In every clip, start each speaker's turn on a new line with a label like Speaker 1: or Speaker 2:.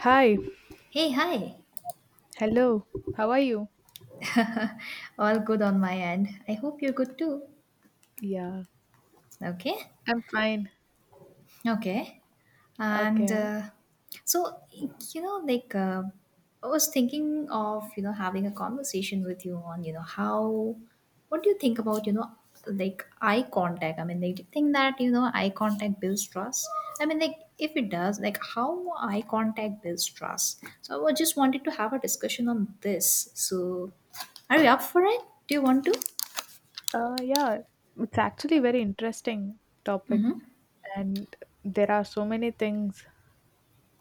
Speaker 1: Hi,
Speaker 2: Hey, hi.
Speaker 1: hello. How are you?
Speaker 2: All good on my end. I hope you're good too.
Speaker 1: Yeah,
Speaker 2: Okay.
Speaker 1: I'm fine.
Speaker 2: Okay. And
Speaker 1: Okay.
Speaker 2: uh, so, like, I was thinking of, having a conversation with you on, how, what do you think about, like eye contact? I mean, like, do you think that eye contact builds trust? I mean, like, if it does, like, how eye contact builds trust? So, I was just wanted to have a discussion on this. So, are you up for it? Do you want to?
Speaker 1: Yeah, it's actually very interesting topic, and there are so many things.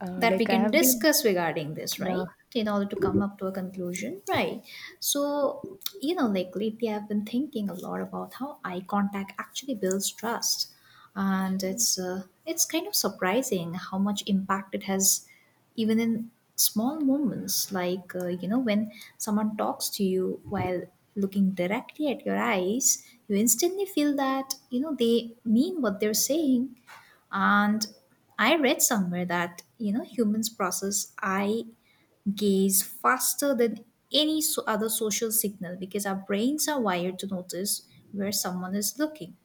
Speaker 2: That we
Speaker 1: Like I
Speaker 2: can
Speaker 1: have been,
Speaker 2: discuss regarding this,
Speaker 1: yeah,
Speaker 2: right? In order to come up to a conclusion, right? So, like lately I've been thinking a lot about how eye contact actually builds trust, and it's kind of surprising how much impact it has, even in small moments, like when someone talks to you while looking directly at your eyes, you instantly feel that they mean what they're saying. And I read somewhere that, humans process eye gaze faster than any other social signal because our brains are wired to notice where someone is looking.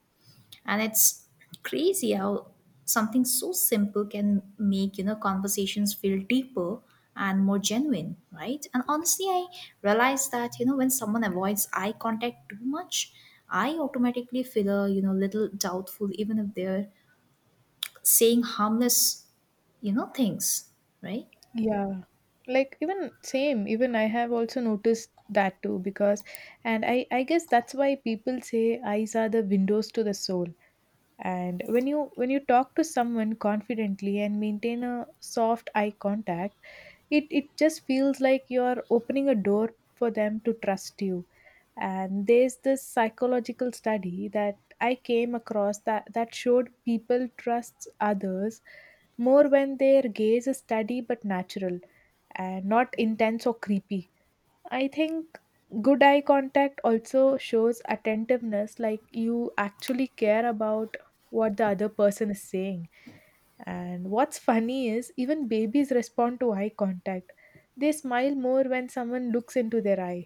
Speaker 2: And it's crazy how something so simple can make, conversations feel deeper and more genuine, right? And honestly, I realized that when someone avoids eye contact too much, I automatically feel a little doubtful even if they're saying harmless things, right?
Speaker 1: yeah. Like even same, even I have also noticed that too because, and I guess that's why people say eyes are the windows to the soul. And when you talk to someone confidently and maintain a soft eye contact, it just feels like you're opening a door for them to trust you. And there's this psychological study that I came across that showed people trust others more when their gaze is steady but natural and not intense or creepy. I think good eye contact also shows attentiveness, like you actually care about what the other person is saying. And what's funny is even babies respond to eye contact. They smile more when someone looks into their eyes.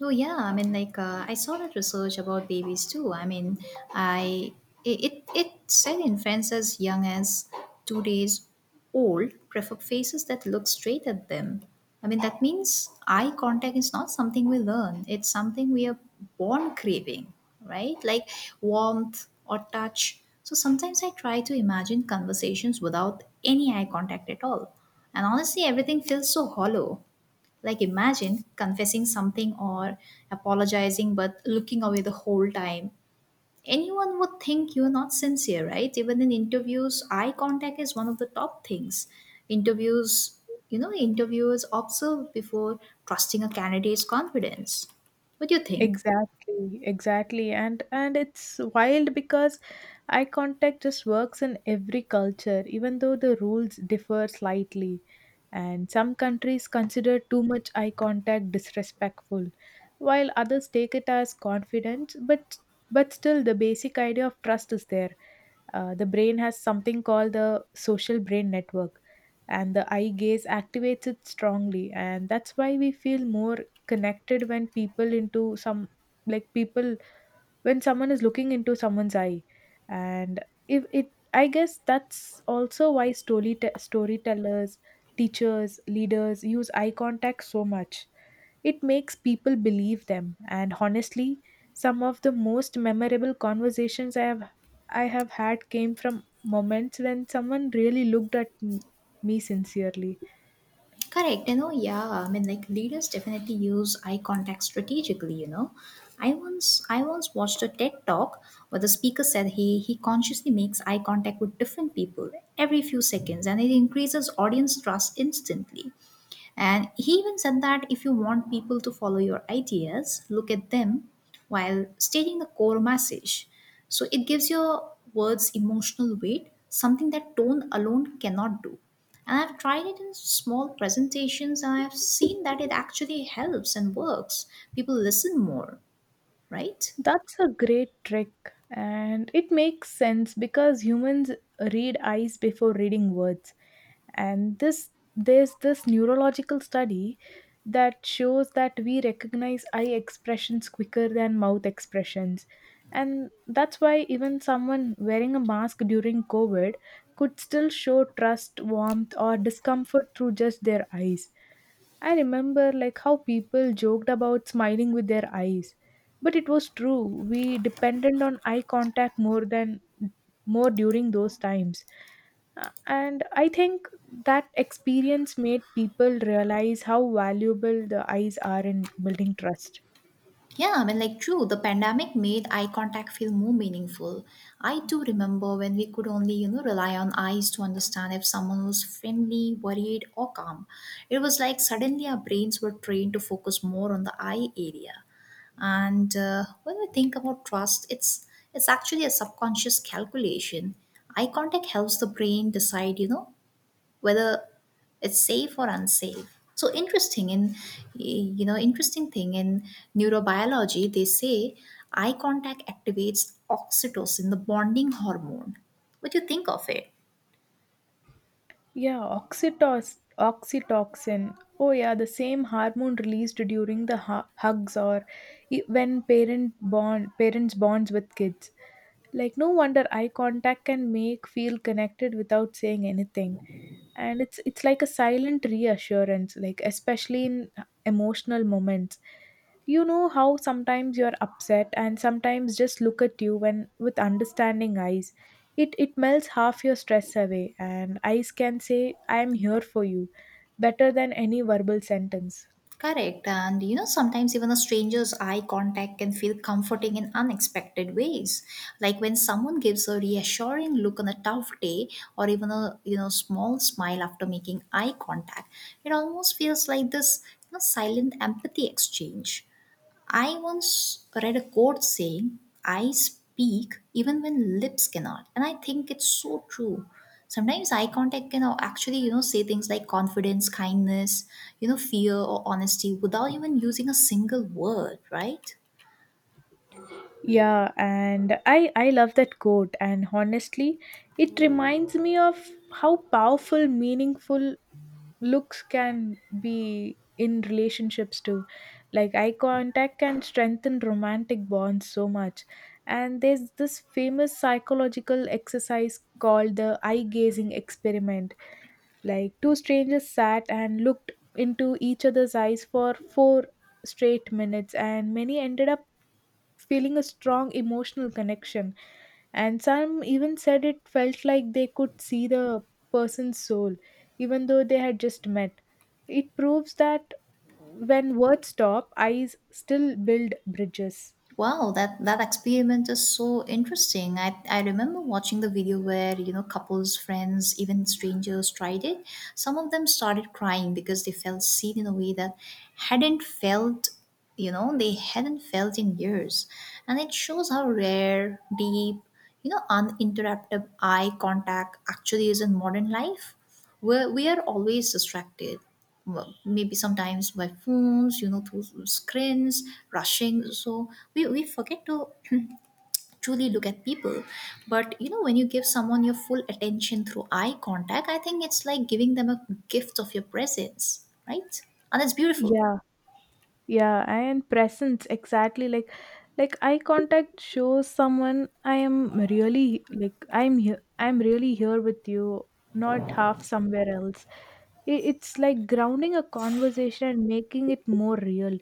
Speaker 2: Oh yeah, I mean, like I saw that research about babies too. I mean, I it it it said infants as young as 2 days old prefer faces that look straight at them. I mean, that means eye contact is not something we learn. It's something we are born craving, right? Like warmth or touch. So sometimes I try to imagine conversations without any eye contact at all. And honestly, everything feels so hollow. Like, imagine confessing something or apologizing but looking away the whole time. Anyone would think you're not sincere, right? Even in interviews, eye contact is one of the top things. Interviews, Interviewers observe before trusting a candidate's confidence. What do you think?
Speaker 1: Exactly, exactly. And it's wild because eye contact just works in every culture, even though the rules differ slightly. And some countries consider too much eye contact disrespectful, while others take it as confidence, but still the basic idea of trust is there. The brain has something called the social brain network, and the eye gaze activates it strongly, and that's why we feel more connected like people when someone is looking into someone's eye. And if it I guess that's also why storytellers, teachers, leaders use eye contact so much. It makes people believe them, and honestly, some of the most memorable conversations I have had came from moments when someone really looked at me sincerely.
Speaker 2: Correct, yeah. I mean, like leaders definitely use eye contact strategically. I once watched a TED talk where the speaker said he consciously makes eye contact with different people every few seconds, and it increases audience trust instantly. And he even said that if you want people to follow your ideas, look at them while stating the core message. So it gives your words emotional weight, something that tone alone cannot do. And I've tried it in small presentations and I've seen that it actually helps and works. People listen more, right?
Speaker 1: That's a great trick, and it makes sense because humans read eyes before reading words. And this there's this neurological study that shows that we recognize eye expressions quicker than mouth expressions. And that's why even someone wearing a mask during COVID could still show trust, warmth, or discomfort through just their eyes. I remember like how people joked about smiling with their eyes. But it was true. We depended on eye contact more during those times. And I think that experience made people realize how valuable the eyes are in building trust.
Speaker 2: Yeah, I mean, like, true, the pandemic made eye contact feel more meaningful. I do remember when we could only, rely on eyes to understand if someone was friendly, worried, or calm. It was like suddenly our brains were trained to focus more on the eye area. And when we think about trust, it's actually a subconscious calculation. Eye contact helps the brain decide, whether it's safe or unsafe. So interesting. And interesting thing in neurobiology, they say eye contact activates oxytocin, the bonding hormone. What do you think of it?
Speaker 1: Yeah, oxytocin. Oh, yeah, the same hormone released during the hugs or when parents bonds with kids. Like no wonder eye contact can make feel connected without saying anything. And it's like a silent reassurance, like especially in emotional moments. You know how sometimes you're upset and sometimes just look at you when with understanding eyes. It melts half your stress away, and eyes can say, I am here for you better than any verbal sentence.
Speaker 2: Correct. And sometimes even a stranger's eye contact can feel comforting in unexpected ways, like when someone gives a reassuring look on a tough day, or even a small smile after making eye contact. It almost feels like this silent empathy exchange. I once read a quote saying, "I speak even when lips cannot." And I think it's so true. Sometimes eye contact can actually, say things like confidence, kindness, fear or honesty without even using a single word, right?
Speaker 1: Yeah, and I love that quote, and honestly, it reminds me of how powerful meaningful looks can be in relationships too. Like eye contact can strengthen romantic bonds so much. And there's this famous psychological exercise called the eye gazing experiment. Like two strangers sat and looked into each other's eyes for 4 straight minutes, and many ended up feeling a strong emotional connection. And some even said it felt like they could see the person's soul, even though they had just met. It proves that when words stop, eyes still build bridges.
Speaker 2: Wow, that experiment is so interesting. I remember watching the video where, couples, friends, even strangers tried it. Some of them started crying because they felt seen in a way that hadn't felt, you know, they hadn't felt in years. And it shows how rare, deep, uninterrupted eye contact actually is in modern life. We are always distracted. Well, maybe sometimes by phones, through screens, rushing. So we forget to truly look at people. But, when you give someone your full attention through eye contact, I think it's like giving them a gift of your presence, right? And it's beautiful.
Speaker 1: Yeah, yeah, and presence, exactly. Like eye contact shows someone I am really, like I'm really here with you, not half somewhere else. It's like grounding a conversation and making it more real.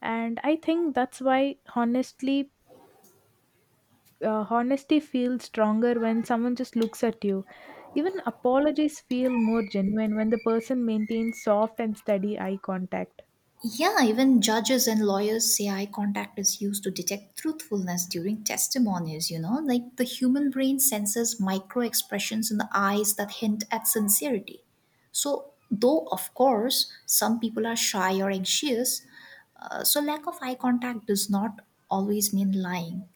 Speaker 1: And I think that's why, honestly honesty feels stronger when someone just looks at you. Even apologies feel more genuine when the person maintains soft and steady eye contact.
Speaker 2: Yeah, even judges and lawyers say eye contact is used to detect truthfulness during testimonies, you know? Like the human brain senses micro expressions in the eyes that hint at sincerity. So, though, of course, some people are shy or anxious, so, lack of eye contact does not always mean lying.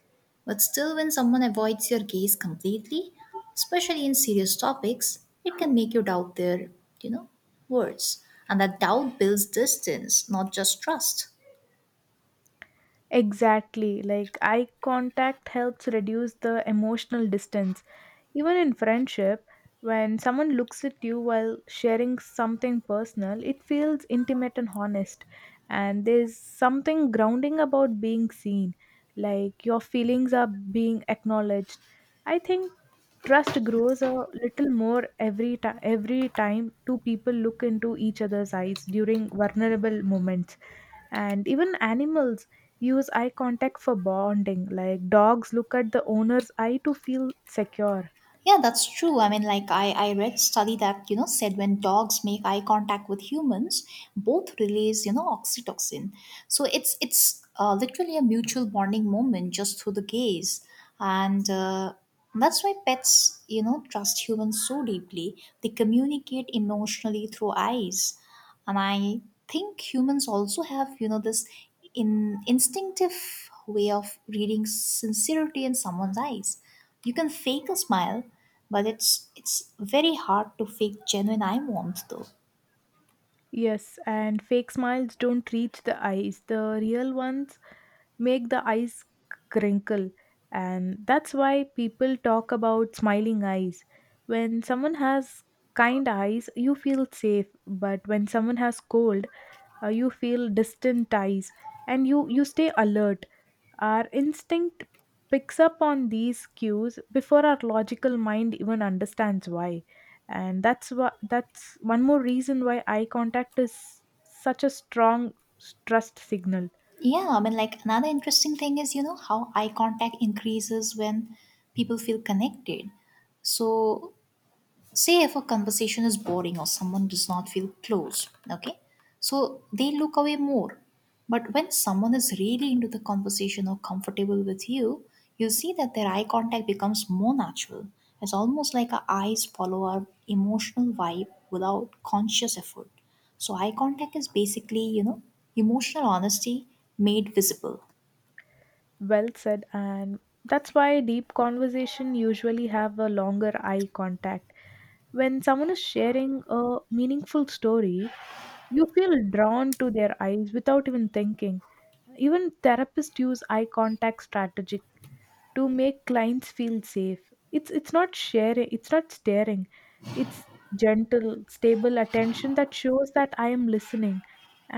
Speaker 2: But still, when someone avoids your gaze completely, especially in serious topics, it can make you doubt their, you know, words. And that doubt builds distance, not just trust.
Speaker 1: Exactly. Like eye contact helps reduce the emotional distance. Even in friendship, when someone looks at you while sharing something personal, it feels intimate and honest. And there's something grounding about being seen, like your feelings are being acknowledged. I think trust grows a little more every time two people look into each other's eyes during vulnerable moments. And even animals use eye contact for bonding, like dogs look at the owner's eye to feel secure.
Speaker 2: Yeah, that's true. I mean, like I read study that said when dogs make eye contact with humans, both release oxytocin. So it's literally a mutual bonding moment just through the gaze, and that's why pets trust humans so deeply. They communicate emotionally through eyes, and I think humans also have this in instinctive way of reading sincerity in someone's eyes. You can fake a smile, but it's very hard to fake genuine eye warmth though.
Speaker 1: Yes, and fake smiles don't reach the eyes. The real ones make the eyes crinkle, and that's why people talk about smiling eyes. When someone has kind eyes you feel safe, but when someone has cold, you feel distant ties, and you stay alert. Our instinct picks up on these cues before our logical mind even understands why. And that's one more reason why eye contact is such a strong trust signal.
Speaker 2: Yeah, I mean like another interesting thing is, how eye contact increases when people feel connected. So, say if a conversation is boring or someone does not feel close, okay, so they look away more. But when someone is really into the conversation or comfortable with you see that their eye contact becomes more natural. It's almost like our eyes follow our emotional vibe without conscious effort. So eye contact is basically emotional honesty made visible.
Speaker 1: Well said. And that's why deep conversation usually have a longer eye contact. When someone is sharing a meaningful story, you feel drawn to their eyes without even thinking. Even therapists use eye contact strategy to make clients feel safe. It's not sharing, it's not staring. It's gentle, stable attention that shows that I am listening,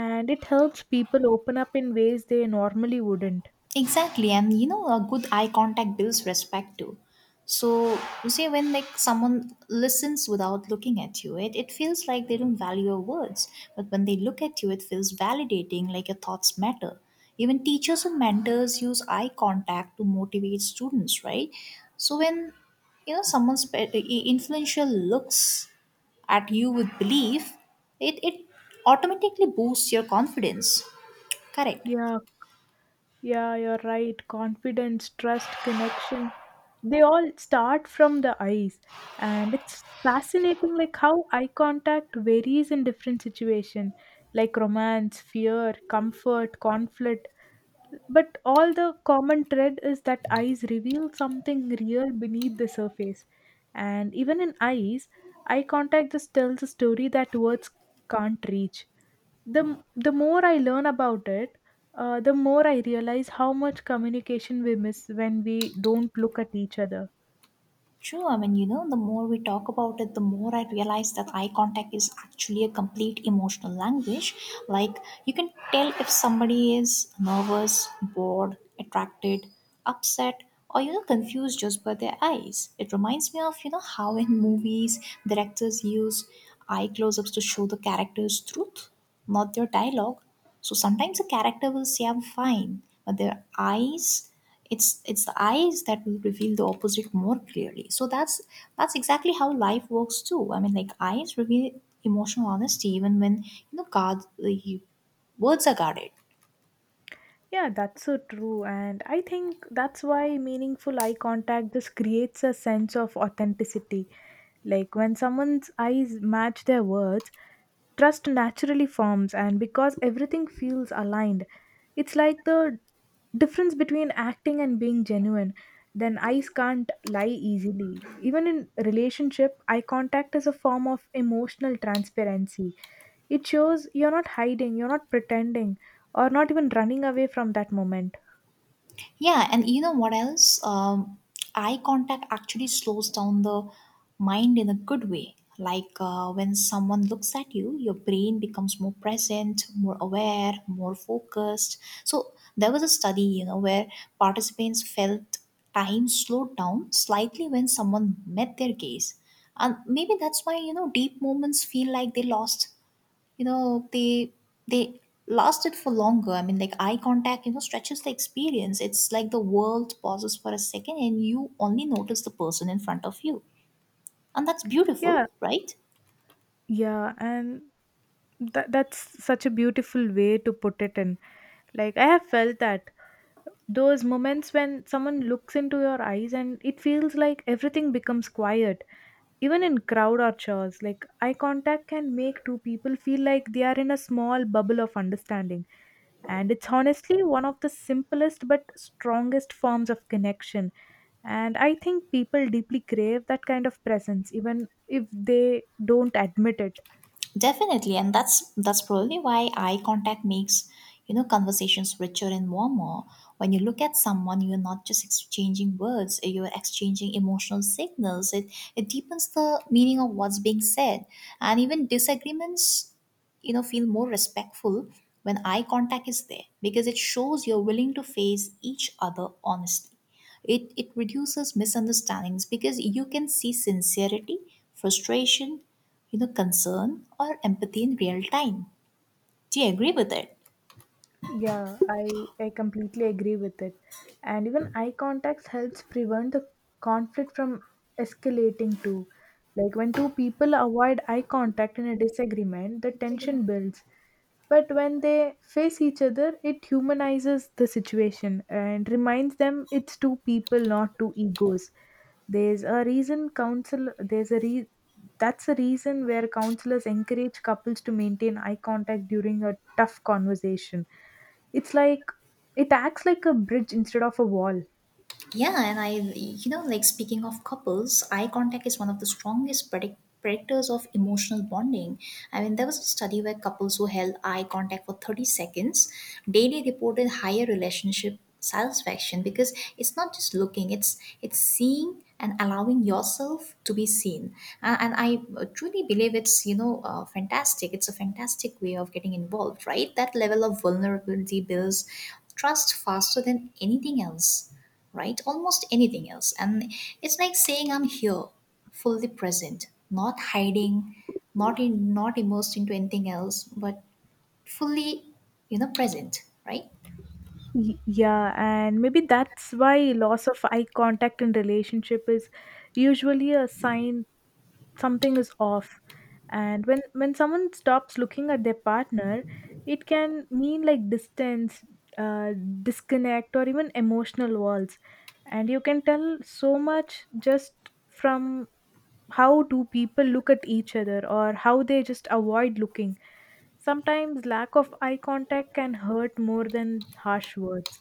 Speaker 1: and it helps people open up in ways they normally wouldn't.
Speaker 2: Exactly, and a good eye contact builds respect too. So you see, when like someone listens without looking at you, it feels like they don't value your words. But when they look at you, it feels validating, like your thoughts matter. Even teachers and mentors use eye contact to motivate students, right? So when someone's influential looks at you with belief, it automatically boosts your confidence. Correct.
Speaker 1: Yeah, yeah, you're right. Confidence, trust, connection, they all start from the eyes. And it's fascinating like how eye contact varies in different situation, like romance, fear, comfort, conflict. But all the common thread is that eyes reveal something real beneath the surface. And even in eyes, eye contact just tells a story that words can't reach. The the more I learn about it, the more I realize how much communication we miss when we don't look at each other.
Speaker 2: True, I mean, the more we talk about it, the more I realize that eye contact is actually a complete emotional language. Like, you can tell if somebody is nervous, bored, attracted, upset, or confused just by their eyes. It reminds me of, how in movies directors use eye close ups to show the character's truth, not their dialogue. So sometimes a character will say, "I'm fine," but their eyes, it's the eyes that will reveal the opposite more clearly. So that's exactly how life works too. I mean, like eyes reveal emotional honesty even when you know guard the words are guarded.
Speaker 1: Yeah, that's so true. And I think that's why meaningful eye contact just creates a sense of authenticity. Like when someone's eyes match their words, trust naturally forms, and because everything feels aligned, it's like the difference between acting and being genuine. Then eyes can't lie easily. Even in relationship, eye contact is a form of emotional transparency. It shows you're not hiding, you're not pretending, or not even running away from that moment.
Speaker 2: Yeah, and you know what else? Eye contact actually slows down the mind in a good way. Like when someone looks at you, your brain becomes more present, more aware, more focused. So there was a study, where participants felt time slowed down slightly when someone met their gaze. And maybe that's why, deep moments feel like they lost you know they lasted for longer. I mean, like eye contact stretches the experience. It's like the world pauses for a second and you only notice the person in front of you, and that's beautiful,
Speaker 1: Yeah,
Speaker 2: right?
Speaker 1: yeah, and that's such a beautiful way to put it in. Like I have felt that those moments when someone looks into your eyes and it feels like everything becomes quiet. Even in crowd or chores, like eye contact can make two people feel like they are in a small bubble of understanding. And it's honestly one of the simplest but strongest forms of connection. And I think people deeply crave that kind of presence, even if they don't admit it.
Speaker 2: Definitely, and that's probably why eye contact makes conversations richer and warmer. When you look at someone, you're not just exchanging words; you're exchanging emotional signals. It deepens the meaning of what's being said, and even disagreements, feel more respectful when eye contact is there because it shows you're willing to face each other honestly. It reduces misunderstandings because you can see sincerity, frustration, concern or empathy in real time. Do you agree with it?
Speaker 1: Yeah, I completely agree with it. And even eye contacts helps prevent the conflict from escalating too. Like when two people avoid eye contact in a disagreement, the tension builds. But when they face each other, it humanizes the situation and reminds them it's two people, not two egos. There's a reason counsel there's a re that's a reason where counselors encourage couples to maintain eye contact during a tough conversation. It's like it acts like a bridge instead of a wall.
Speaker 2: Yeah, and like speaking of couples, eye contact is one of the strongest predictors of emotional bonding. I mean, there was a study where couples who held eye contact for 30 seconds daily reported higher relationship satisfaction because it's not just looking, it's seeing and allowing yourself to be seen. And I truly believe it's, fantastic. It's a fantastic way of getting involved, right? That level of vulnerability builds trust faster than anything else, right? Almost anything else. And it's like saying I'm here, fully present, not hiding, not immersed into anything else, but fully, present, right?
Speaker 1: Yeah, and maybe that's why loss of eye contact in relationship is usually a sign something is off. And when someone stops looking at their partner, it can mean like distance, uh, disconnect, or even emotional walls. And you can tell so much just from how do people look at each other or how they just avoid looking. Sometimes lack of eye contact can hurt more than harsh words.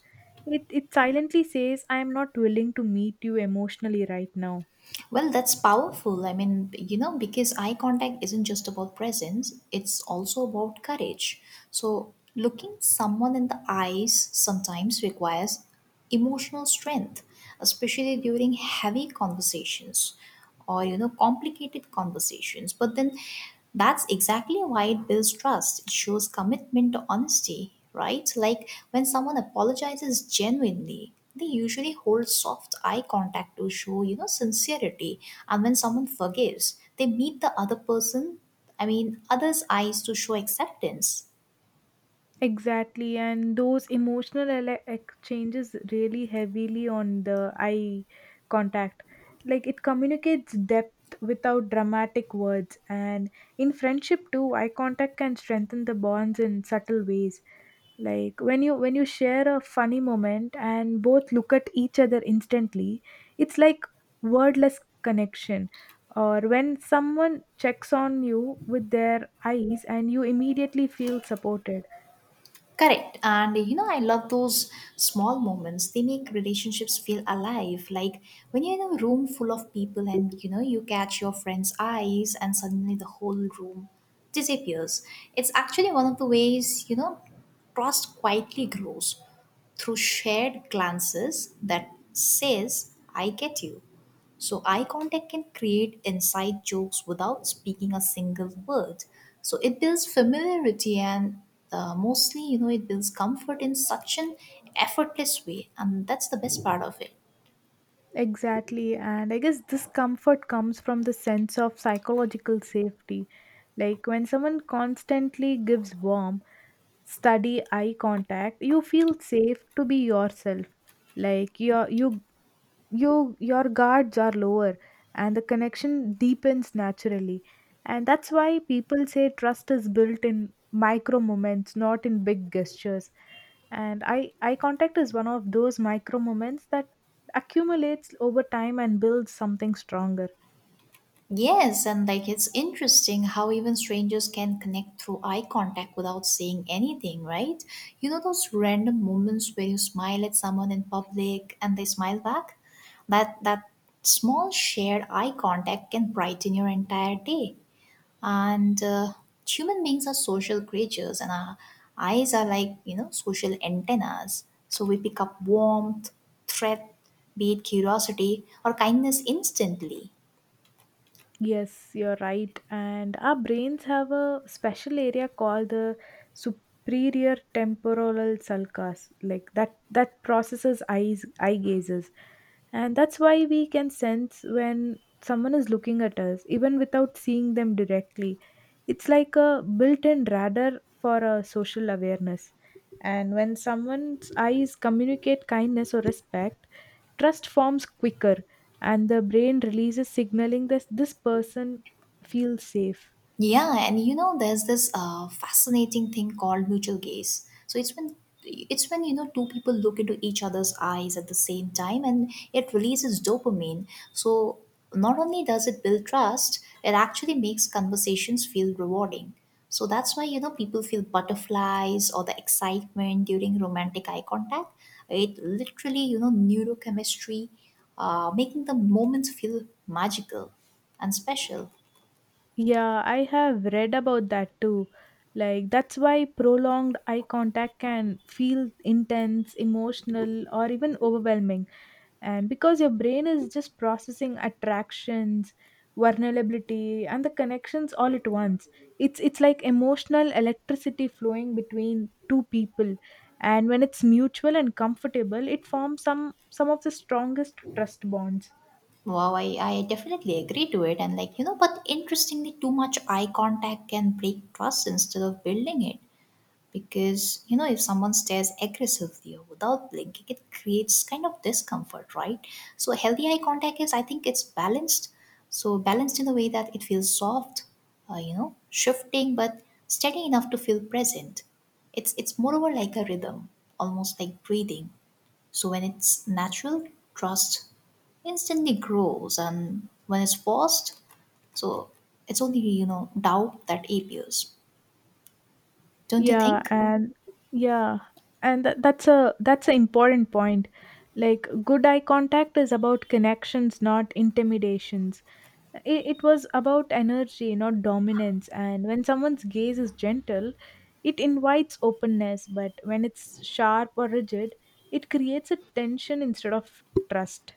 Speaker 1: It silently says, I am not willing to meet you emotionally right now.
Speaker 2: Well, that's powerful. I mean, you know, because eye contact isn't just about presence, it's also about courage. So, looking someone in the eyes sometimes requires emotional strength, especially during heavy conversations or you know complicated conversations, but then that's exactly why it builds trust. It shows commitment to honesty, right? Like when someone apologizes genuinely, they usually hold soft eye contact to show you know sincerity, and when someone forgives, they meet the other person, others' eyes to show acceptance.
Speaker 1: Exactly, and those emotional exchanges really heavily on the eye contact. Like it communicates depth without dramatic words, and in friendship too, eye contact can strengthen the bonds in subtle ways. Like when you share a funny moment and both look at each other instantly, it's like wordless connection. Or when someone checks on you with their eyes, and you immediately feel supported.
Speaker 2: Correct. And you know, I love those small moments. They make relationships feel alive. Like when you're in a room full of people and you know, you catch your friend's eyes and suddenly the whole room disappears. It's actually one of the ways, you know, trust quietly grows through shared glances that says, I get you. So eye contact can create inside jokes without speaking a single word. So it builds familiarity and mostly, you know, it builds comfort in such an effortless way, and that's the best part of it.
Speaker 1: Exactly, and I guess this comfort comes from the sense of psychological safety. Like when someone constantly gives warm, steady eye contact, you feel safe to be yourself. Like your guards are lower, and the connection deepens naturally. And that's why people say trust is built in micro moments, not in big gestures. And eye contact is one of those micro moments that accumulates over time and builds something stronger.
Speaker 2: Yes, and like it's interesting how even strangers can connect through eye contact without saying anything, right? You know those random moments where you smile at someone in public and they smile back? That small shared eye contact can brighten your entire day. And human beings are social creatures and our eyes are like you know social antennas, so we pick up warmth, threat, be it curiosity or kindness, instantly.
Speaker 1: Yes, you're right. And our brains have a special area called the superior temporal sulcus, like that processes eye gazes. And that's why we can sense when someone is looking at us, even without seeing them directly. It's like a built-in radar for a social awareness. And when someone's eyes communicate kindness or respect, trust forms quicker, and the brain releases signaling that this person feels safe.
Speaker 2: Yeah, and you know, there's this fascinating thing called mutual gaze. So it's when you know two people look into each other's eyes at the same time, and it releases dopamine. So not only does it build trust, it actually makes conversations feel rewarding. So that's why you know people feel butterflies or the excitement during romantic eye contact. It literally you know neurochemistry, making the moments feel magical and special.
Speaker 1: Yeah, I have read about that too. Like, that's why prolonged eye contact can feel intense, emotional, or even overwhelming, and because your brain is just processing attractions, vulnerability, and the connections all at once. It's like emotional electricity flowing between two people, and when it's mutual and comfortable, it forms some of the strongest trust bonds.
Speaker 2: Wow, I definitely agree to it. And like, you know, but interestingly, too much eye contact can break trust instead of building it. Because, you know, if someone stares aggressively or without blinking, it creates kind of discomfort, right? So healthy eye contact is, I think it's balanced. So balanced in a way that it feels soft, you know, shifting, but steady enough to feel present. It's moreover like a rhythm, almost like breathing. So when it's natural, trust instantly grows, and when it's forced, so it's only you know doubt that appears. Don't you
Speaker 1: yeah
Speaker 2: think?
Speaker 1: and yeah, and that's an important point. Like, good eye contact is about connections, not intimidations. It was about energy, not dominance, and when someone's gaze is gentle, it invites openness, but when it's sharp or rigid, it creates a tension instead of trust.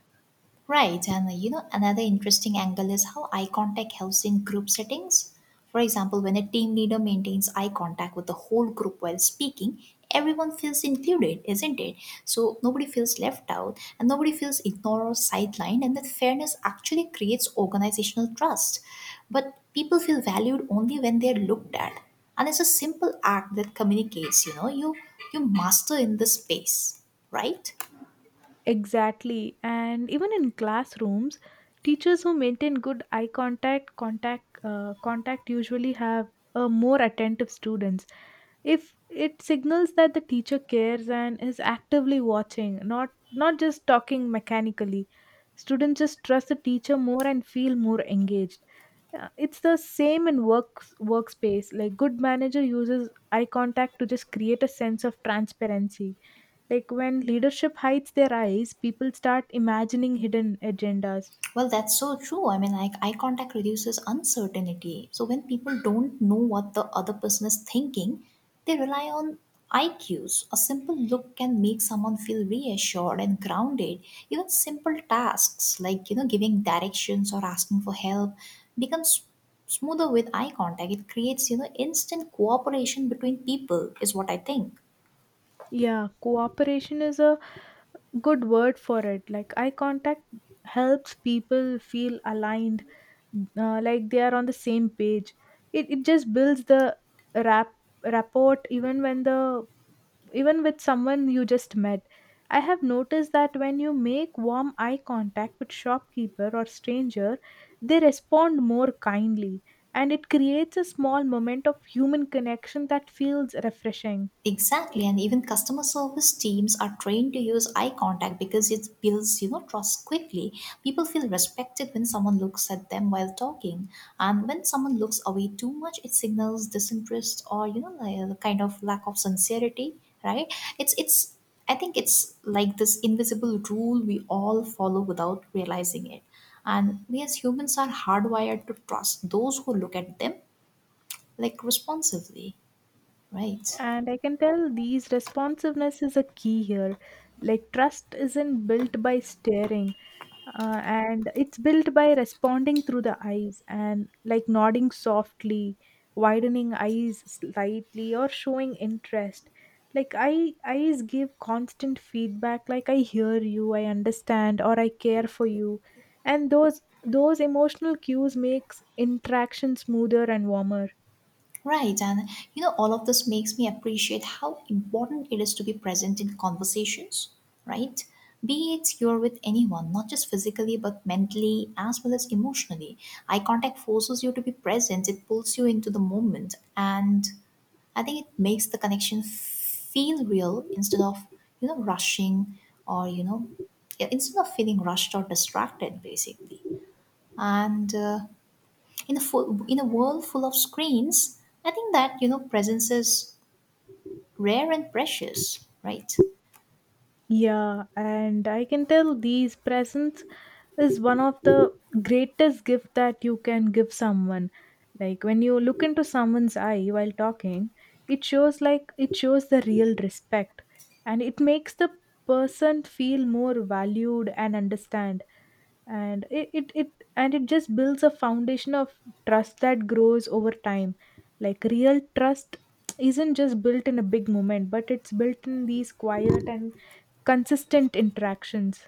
Speaker 2: Right, and you know, another interesting angle is how eye contact helps in group settings. For example, when a team leader maintains eye contact with the whole group while speaking, everyone feels included, isn't it? So nobody feels left out and nobody feels ignored or sidelined, and that fairness actually creates organizational trust. But people feel valued only when they're looked at. And it's a simple act that communicates, you know, you master in this space, right?
Speaker 1: Exactly. And even in classrooms, teachers who maintain good eye contact usually have more attentive students. If it signals that the teacher cares and is actively watching, not just talking mechanically, students just trust the teacher more and feel more engaged. It's the same in workspace. Like, good manager uses eye contact to just create a sense of transparency. Like, when leadership hides their eyes, people start imagining hidden agendas.
Speaker 2: Well, that's so true. I mean, like eye contact reduces uncertainty. So when people don't know what the other person is thinking, they rely on IQs. A simple look can make someone feel reassured and grounded. Even simple tasks like, you know, giving directions or asking for help becomes smoother with eye contact. It creates, you know, instant cooperation between people is what I think.
Speaker 1: Yeah, cooperation is a good word for it. Like, eye contact helps people feel aligned, like they are on the same page. It just builds the rap rapport even when the even with someone you just met. I have noticed that when you make warm eye contact with shopkeeper or stranger, they respond more kindly, and it creates a small moment of human connection that feels refreshing.
Speaker 2: Exactly, and even customer service teams are trained to use eye contact because it builds, you know, trust quickly. People feel respected when someone looks at them while talking, and when someone looks away too much, it signals disinterest or you know, like a kind of lack of sincerity. Right? It's it's. I think it's like this invisible rule we all follow without realizing it, and we as humans are hardwired to trust those who look at them like responsively. Right.
Speaker 1: And I can tell these responsiveness is a key here. Like, trust isn't built by staring, and it's built by responding through the eyes, and like nodding softly, widening eyes slightly, or showing interest. Like, I eyes give constant feedback. Like, I hear you, I understand, or I care for you, and those emotional cues makes interaction smoother and warmer.
Speaker 2: Right, and you know, all of this makes me appreciate how important it is to be present in conversations, right? Be it you're with anyone, not just physically, but mentally as well as emotionally. Eye contact forces you to be present, it pulls you into the moment, and I think it makes the connection feel real instead of, you know, rushing or, you know, instead of feeling rushed or distracted, basically. And in a world full of screens, I think that you know presence is rare and precious, right?
Speaker 1: Yeah, and I can tell these presents is one of the greatest gift that you can give someone. Like, when you look into someone's eye while talking, it shows the real respect, and it makes the person feel more valued and understand, and it and it just builds a foundation of trust that grows over time. Like, real trust isn't just built in a big moment, but it's built in these quiet and consistent interactions.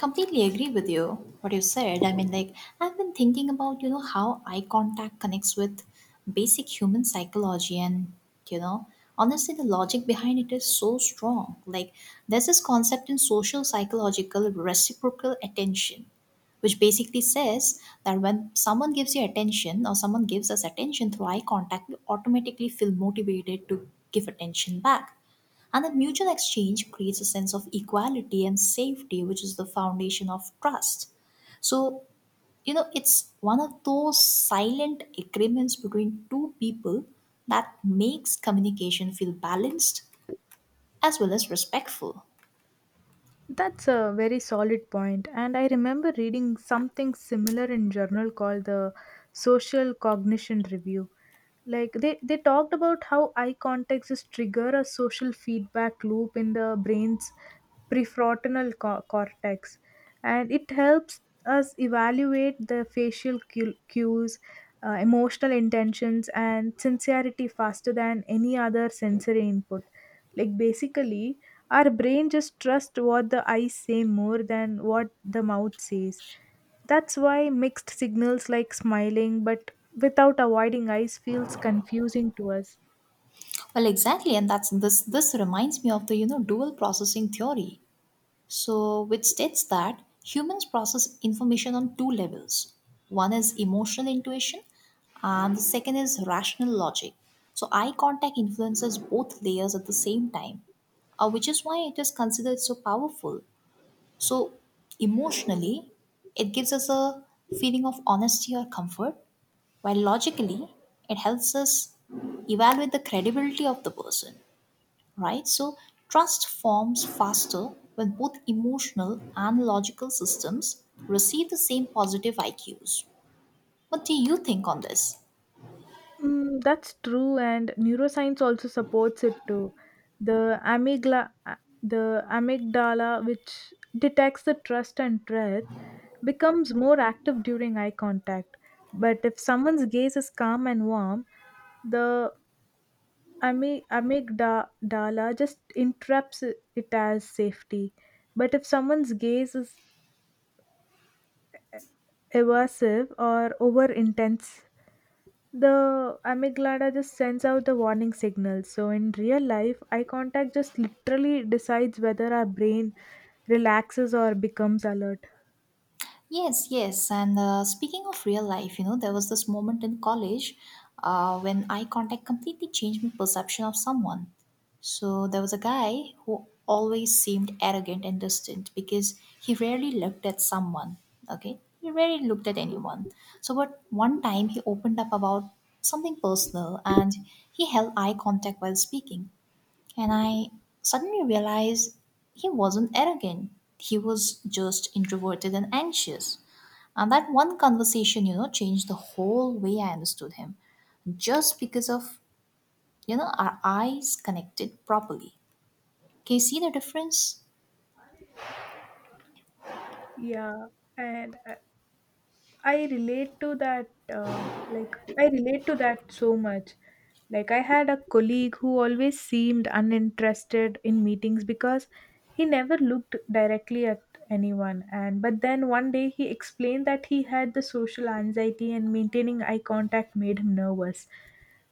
Speaker 2: Completely agree with you what you said. I mean, like I've been thinking about you know how eye contact connects with basic human psychology, and you know honestly the logic behind it is so strong. Like there's this concept in social psychological reciprocal attention, which basically says that when someone gives you attention or someone gives us attention through eye contact, we automatically feel motivated to give attention back. And that mutual exchange creates a sense of equality and safety, which is the foundation of trust. So, you know, it's one of those silent agreements between two people that makes communication feel balanced as well as respectful.
Speaker 1: That's a very solid point, and I remember reading something similar in journal called the Social Cognition Review. Like, they talked about how eye contacts is trigger a social feedback loop in the brain's prefrontal cortex, and it helps us evaluate the facial cues, emotional intentions, and sincerity faster than any other sensory input. Like, basically our brain just trusts what the eyes say more than what the mouth says. That's why mixed signals, like smiling but without avoiding ice, feels confusing to us.
Speaker 2: Well, exactly, and that's this. This reminds me of the you know dual processing theory, so, which states that humans process information on two levels. One is emotional intuition, and the second is rational logic. So, eye contact influences both layers at the same time, which is why it is considered so powerful. So, emotionally, it gives us a feeling of honesty or comfort, while logically, it helps us evaluate the credibility of the person, right? So trust forms faster when both emotional and logical systems receive the same positive IQs. What do you think on this?
Speaker 1: Mm, that's true, and neuroscience also supports it too. The amygdala, the amygdala, which detects the trust and threat, becomes more active during eye contact. But if someone's gaze is calm and warm, the amygdala just interrupts it as safety. But if someone's gaze is eh, evasive or over intense, the amygdala just sends out the warning signals. So in real life, eye contact just literally decides whether our brain relaxes or becomes alert.
Speaker 2: Yes, yes. And speaking of real life, you know, there was this moment in college when eye contact completely changed my perception of someone. So there was a guy who always seemed arrogant and distant because he rarely looked at someone. Okay, he rarely looked at anyone. So, but one time he opened up about something personal and he held eye contact while speaking. And I suddenly realized he wasn't arrogant. He was just introverted and anxious. And that one conversation, you know, changed the whole way I understood him. Just because of, you know, our eyes connected properly. Can you see the difference?
Speaker 1: Yeah, and I relate to that, I relate to that so much. Like, I had a colleague who always seemed uninterested in meetings because he never looked directly at anyone. And but then one day he explained that he had the social anxiety, and maintaining eye contact made him nervous.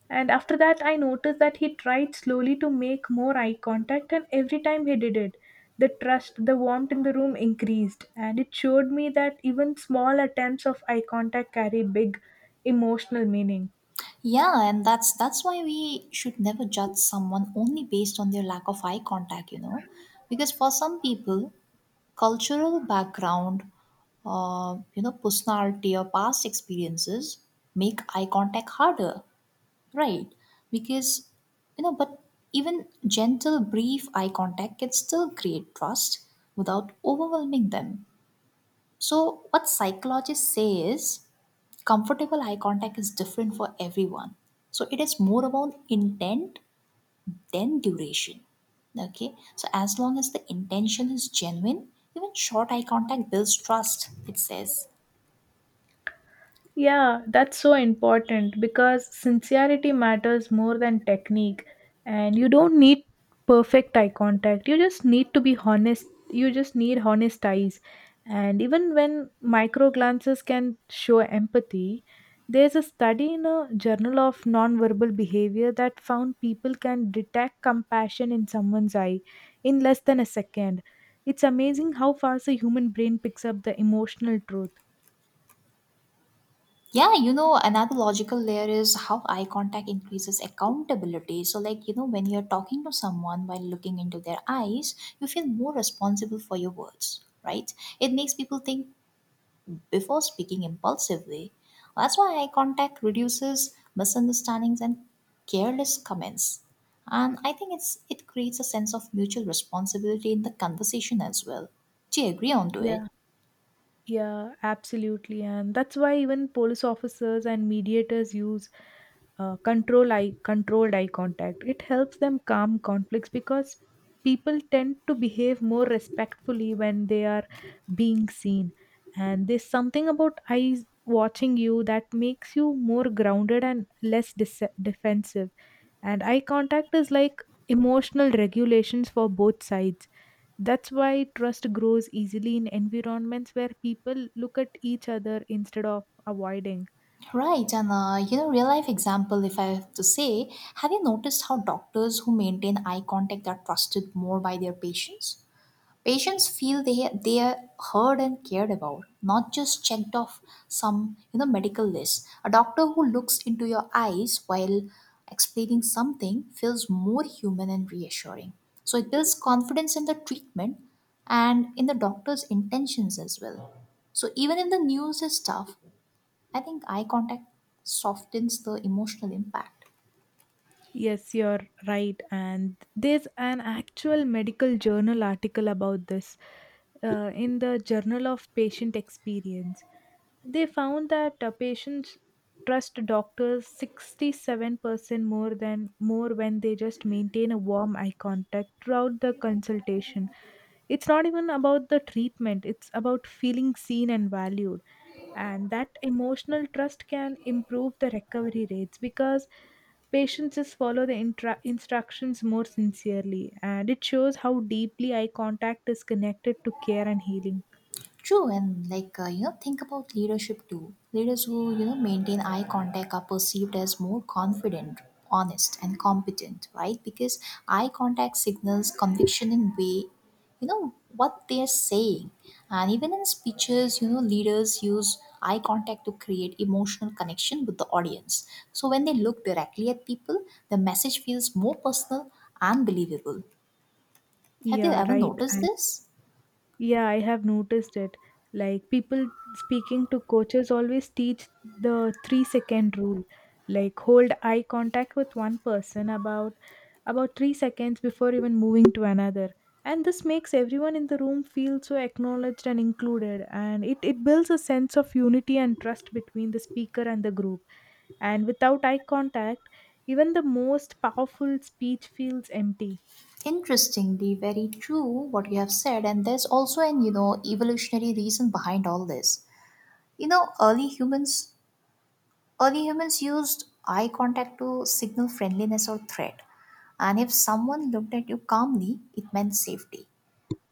Speaker 1: And after that, I noticed that he tried slowly to make more eye contact, and every time he did it, the trust, the warmth in the room increased, and it showed me that even small attempts of eye contact carry big emotional meaning.
Speaker 2: Yeah, and that's why we should never judge someone only based on their lack of eye contact, you know, because for some people, cultural background, you know, personality or past experiences make eye contact harder, right? Because you know, but even gentle, brief eye contact can still create trust without overwhelming them. So, what psychologists say is comfortable eye contact is different for everyone. So, it is more about intent than duration. Okay, so as long as the intention is genuine, even short eye contact builds trust, it says.
Speaker 1: Yeah, that's so important because sincerity matters more than technique. And you don't need perfect eye contact. You just need to be honest. You just need honest eyes. And even when micro glances can show empathy, there's a study in a journal of nonverbal behavior that found people can detect compassion in someone's eye in less than a second. It's amazing how fast the human brain picks up the emotional truth.
Speaker 2: Yeah, you know, another logical layer is how eye contact increases accountability. So, like, you know, when you're talking to someone while looking into their eyes, you feel more responsible for your words, right? It makes people think before speaking impulsively. That's why eye contact reduces misunderstandings and careless comments. And I think it's it creates a sense of mutual responsibility in the conversation as well. Do you agree on to it?
Speaker 1: Yeah. Yeah, absolutely. And that's why even police officers and mediators use controlled eye contact. It helps them calm conflicts because people tend to behave more respectfully when they are being seen. And there's something about eyes watching you that makes you more grounded and less defensive. And eye contact is like emotional regulations for both sides. That's why trust grows easily in environments where people look at each other instead of avoiding.
Speaker 2: Right, and you know, real life example, if I have to say, have you noticed how doctors who maintain eye contact are trusted more by their patients? Patients feel they are heard and cared about, not just checked off some you know medical list. A doctor who looks into your eyes while explaining something feels more human and reassuring. So it builds confidence in the treatment and in the doctor's intentions as well. So even if the news is tough, I think eye contact softens the emotional impact.
Speaker 1: Yes, you're right. And there's an actual medical journal article about this, in the Journal of Patient Experience. They found that patients trust doctors 67% more when they just maintain a warm eye contact throughout the consultation. It's not even about the treatment, it's about feeling seen and valued. And that emotional trust can improve the recovery rates because patients just follow the instructions more sincerely, and it shows how deeply eye contact is connected to care and healing.
Speaker 2: True, and like you know, think about leadership too. Leaders who you know maintain eye contact are perceived as more confident, honest, and competent, right? Because eye contact signals conviction in way, you know, what they are saying. And even in speeches, you know, leaders use eye contact to create emotional connection with the audience. So when they look directly at people, the message feels more personal and believable. Have you
Speaker 1: Yeah,
Speaker 2: ever
Speaker 1: right.
Speaker 2: noticed this?
Speaker 1: Yeah, I have noticed it. Like, people speaking to coaches always teach the three-second rule. Like, hold eye contact with one person about 3 seconds before even moving to another. And this makes everyone in the room feel so acknowledged and included. And it builds a sense of unity and trust between the speaker and the group. And without eye contact, even the most powerful speech feels empty.
Speaker 2: Interestingly, very true what you have said, and there's also an you know evolutionary reason behind all this. You know, early humans used eye contact to signal friendliness or threat, and if someone looked at you calmly, it meant safety.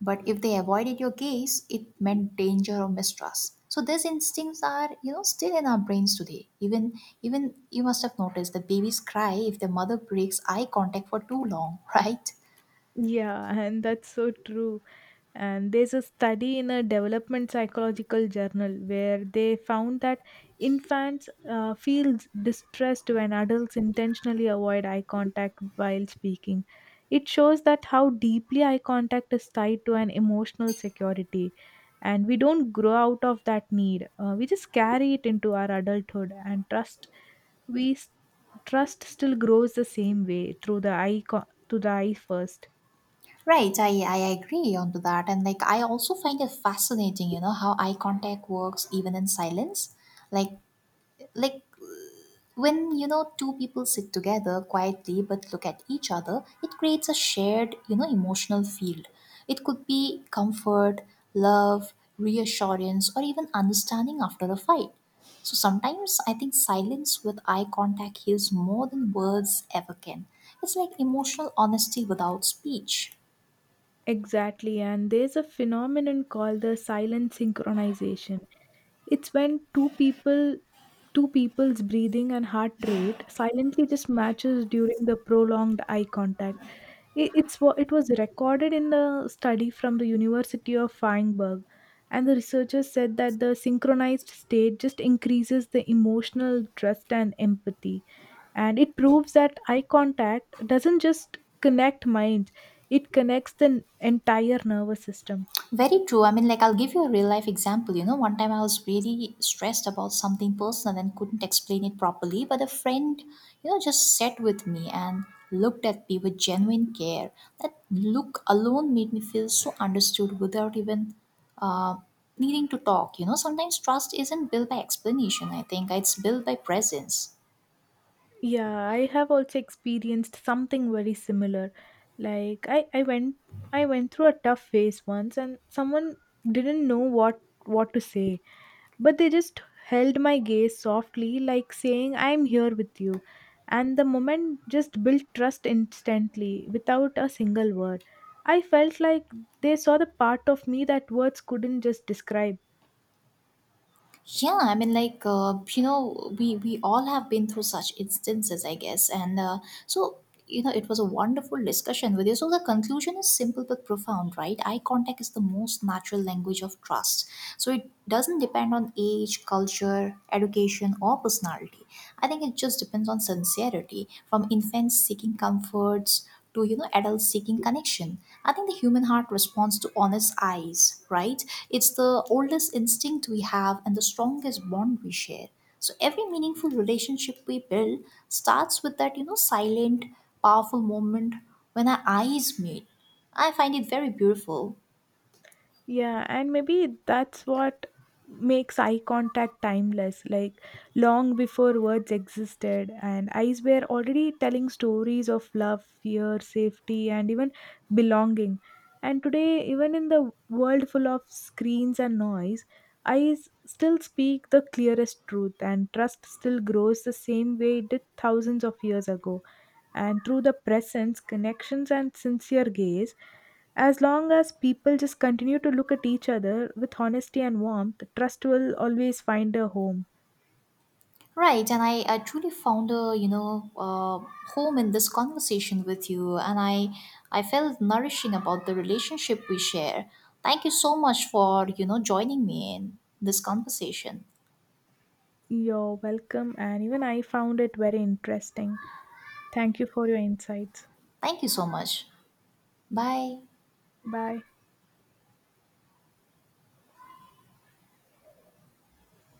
Speaker 2: But if they avoided your gaze, it meant danger or mistrust. So these instincts are you know still in our brains today. Even you must have noticed that babies cry if their mother breaks eye contact for too long, right?
Speaker 1: Yeah, and that's so true. And there's a study in a development psychological journal where they found that infants feel distressed when adults intentionally avoid eye contact while speaking. It shows that how deeply eye contact is tied to an emotional security. And we don't grow out of that need. We just carry it into our adulthood and trust. We s- Trust still grows the same way through the eye first.
Speaker 2: Right, I agree on to that. And like I also find it fascinating, you know, how eye contact works even in silence. Like like when, you know, two people sit together quietly but look at each other, it creates a shared, you know, emotional field. It could be comfort, love, reassurance, or even understanding after a fight. So sometimes I think silence with eye contact heals more than words ever can. It's like emotional honesty without speech.
Speaker 1: Exactly, and there's a phenomenon called the silent synchronization. It's when two people's breathing and heart rate silently just matches during the prolonged eye contact. It was recorded in the study from the University of Feinberg, and the researchers said that the synchronized state just increases the emotional trust and empathy, and it proves that eye contact doesn't just connect minds, it connects the entire nervous system.
Speaker 2: Very true. I mean, like, I'll give you a real life example. You know, one time I was really stressed about something personal and couldn't explain it properly, but a friend, you know, just sat with me and looked at me with genuine care. That look alone made me feel so understood without even uh, needing to talk. You know, sometimes trust isn't built by explanation, I think, it's built by presence.
Speaker 1: Yeah, I have also experienced something very similar. Like, I went through a tough phase once, and someone didn't know what to say. But they just held my gaze softly, like saying, I am here with you. And the moment just built trust instantly, without a single word. I felt like they saw the part of me that words couldn't just describe.
Speaker 2: Yeah, I mean, like you know, we all have been through such instances, I guess, and so you know, it was a wonderful discussion with you. So the conclusion is simple but profound, right? Eye contact is the most natural language of trust. So it doesn't depend on age, culture, education, or personality. I think it just depends on sincerity, from infants seeking comforts to you know adults seeking connection. I think the human heart responds to honest eyes, right? It's the oldest instinct we have and the strongest bond we share. So every meaningful relationship we build starts with that, you know, silent, powerful moment when our eyes meet. I find it very beautiful.
Speaker 1: Yeah, and maybe that's what makes eye contact timeless. Like, long before words existed, and eyes were already telling stories of love, fear, safety, and even belonging. And today, even in the world full of screens and noise, eyes still speak the clearest truth, and trust still grows the same way it did thousands of years ago, and through the presence, connections, and sincere gaze, as long as people just continue to look at each other with honesty and warmth, trust will always find a home.
Speaker 2: Right, and I truly found a you know home in this conversation with you, and I felt nourishing about the relationship we share. Thank you so much for you know joining me in this conversation.
Speaker 1: You're welcome, and even I found it very interesting. Thank you for your insights.
Speaker 2: Thank you so much. Bye.
Speaker 1: Bye.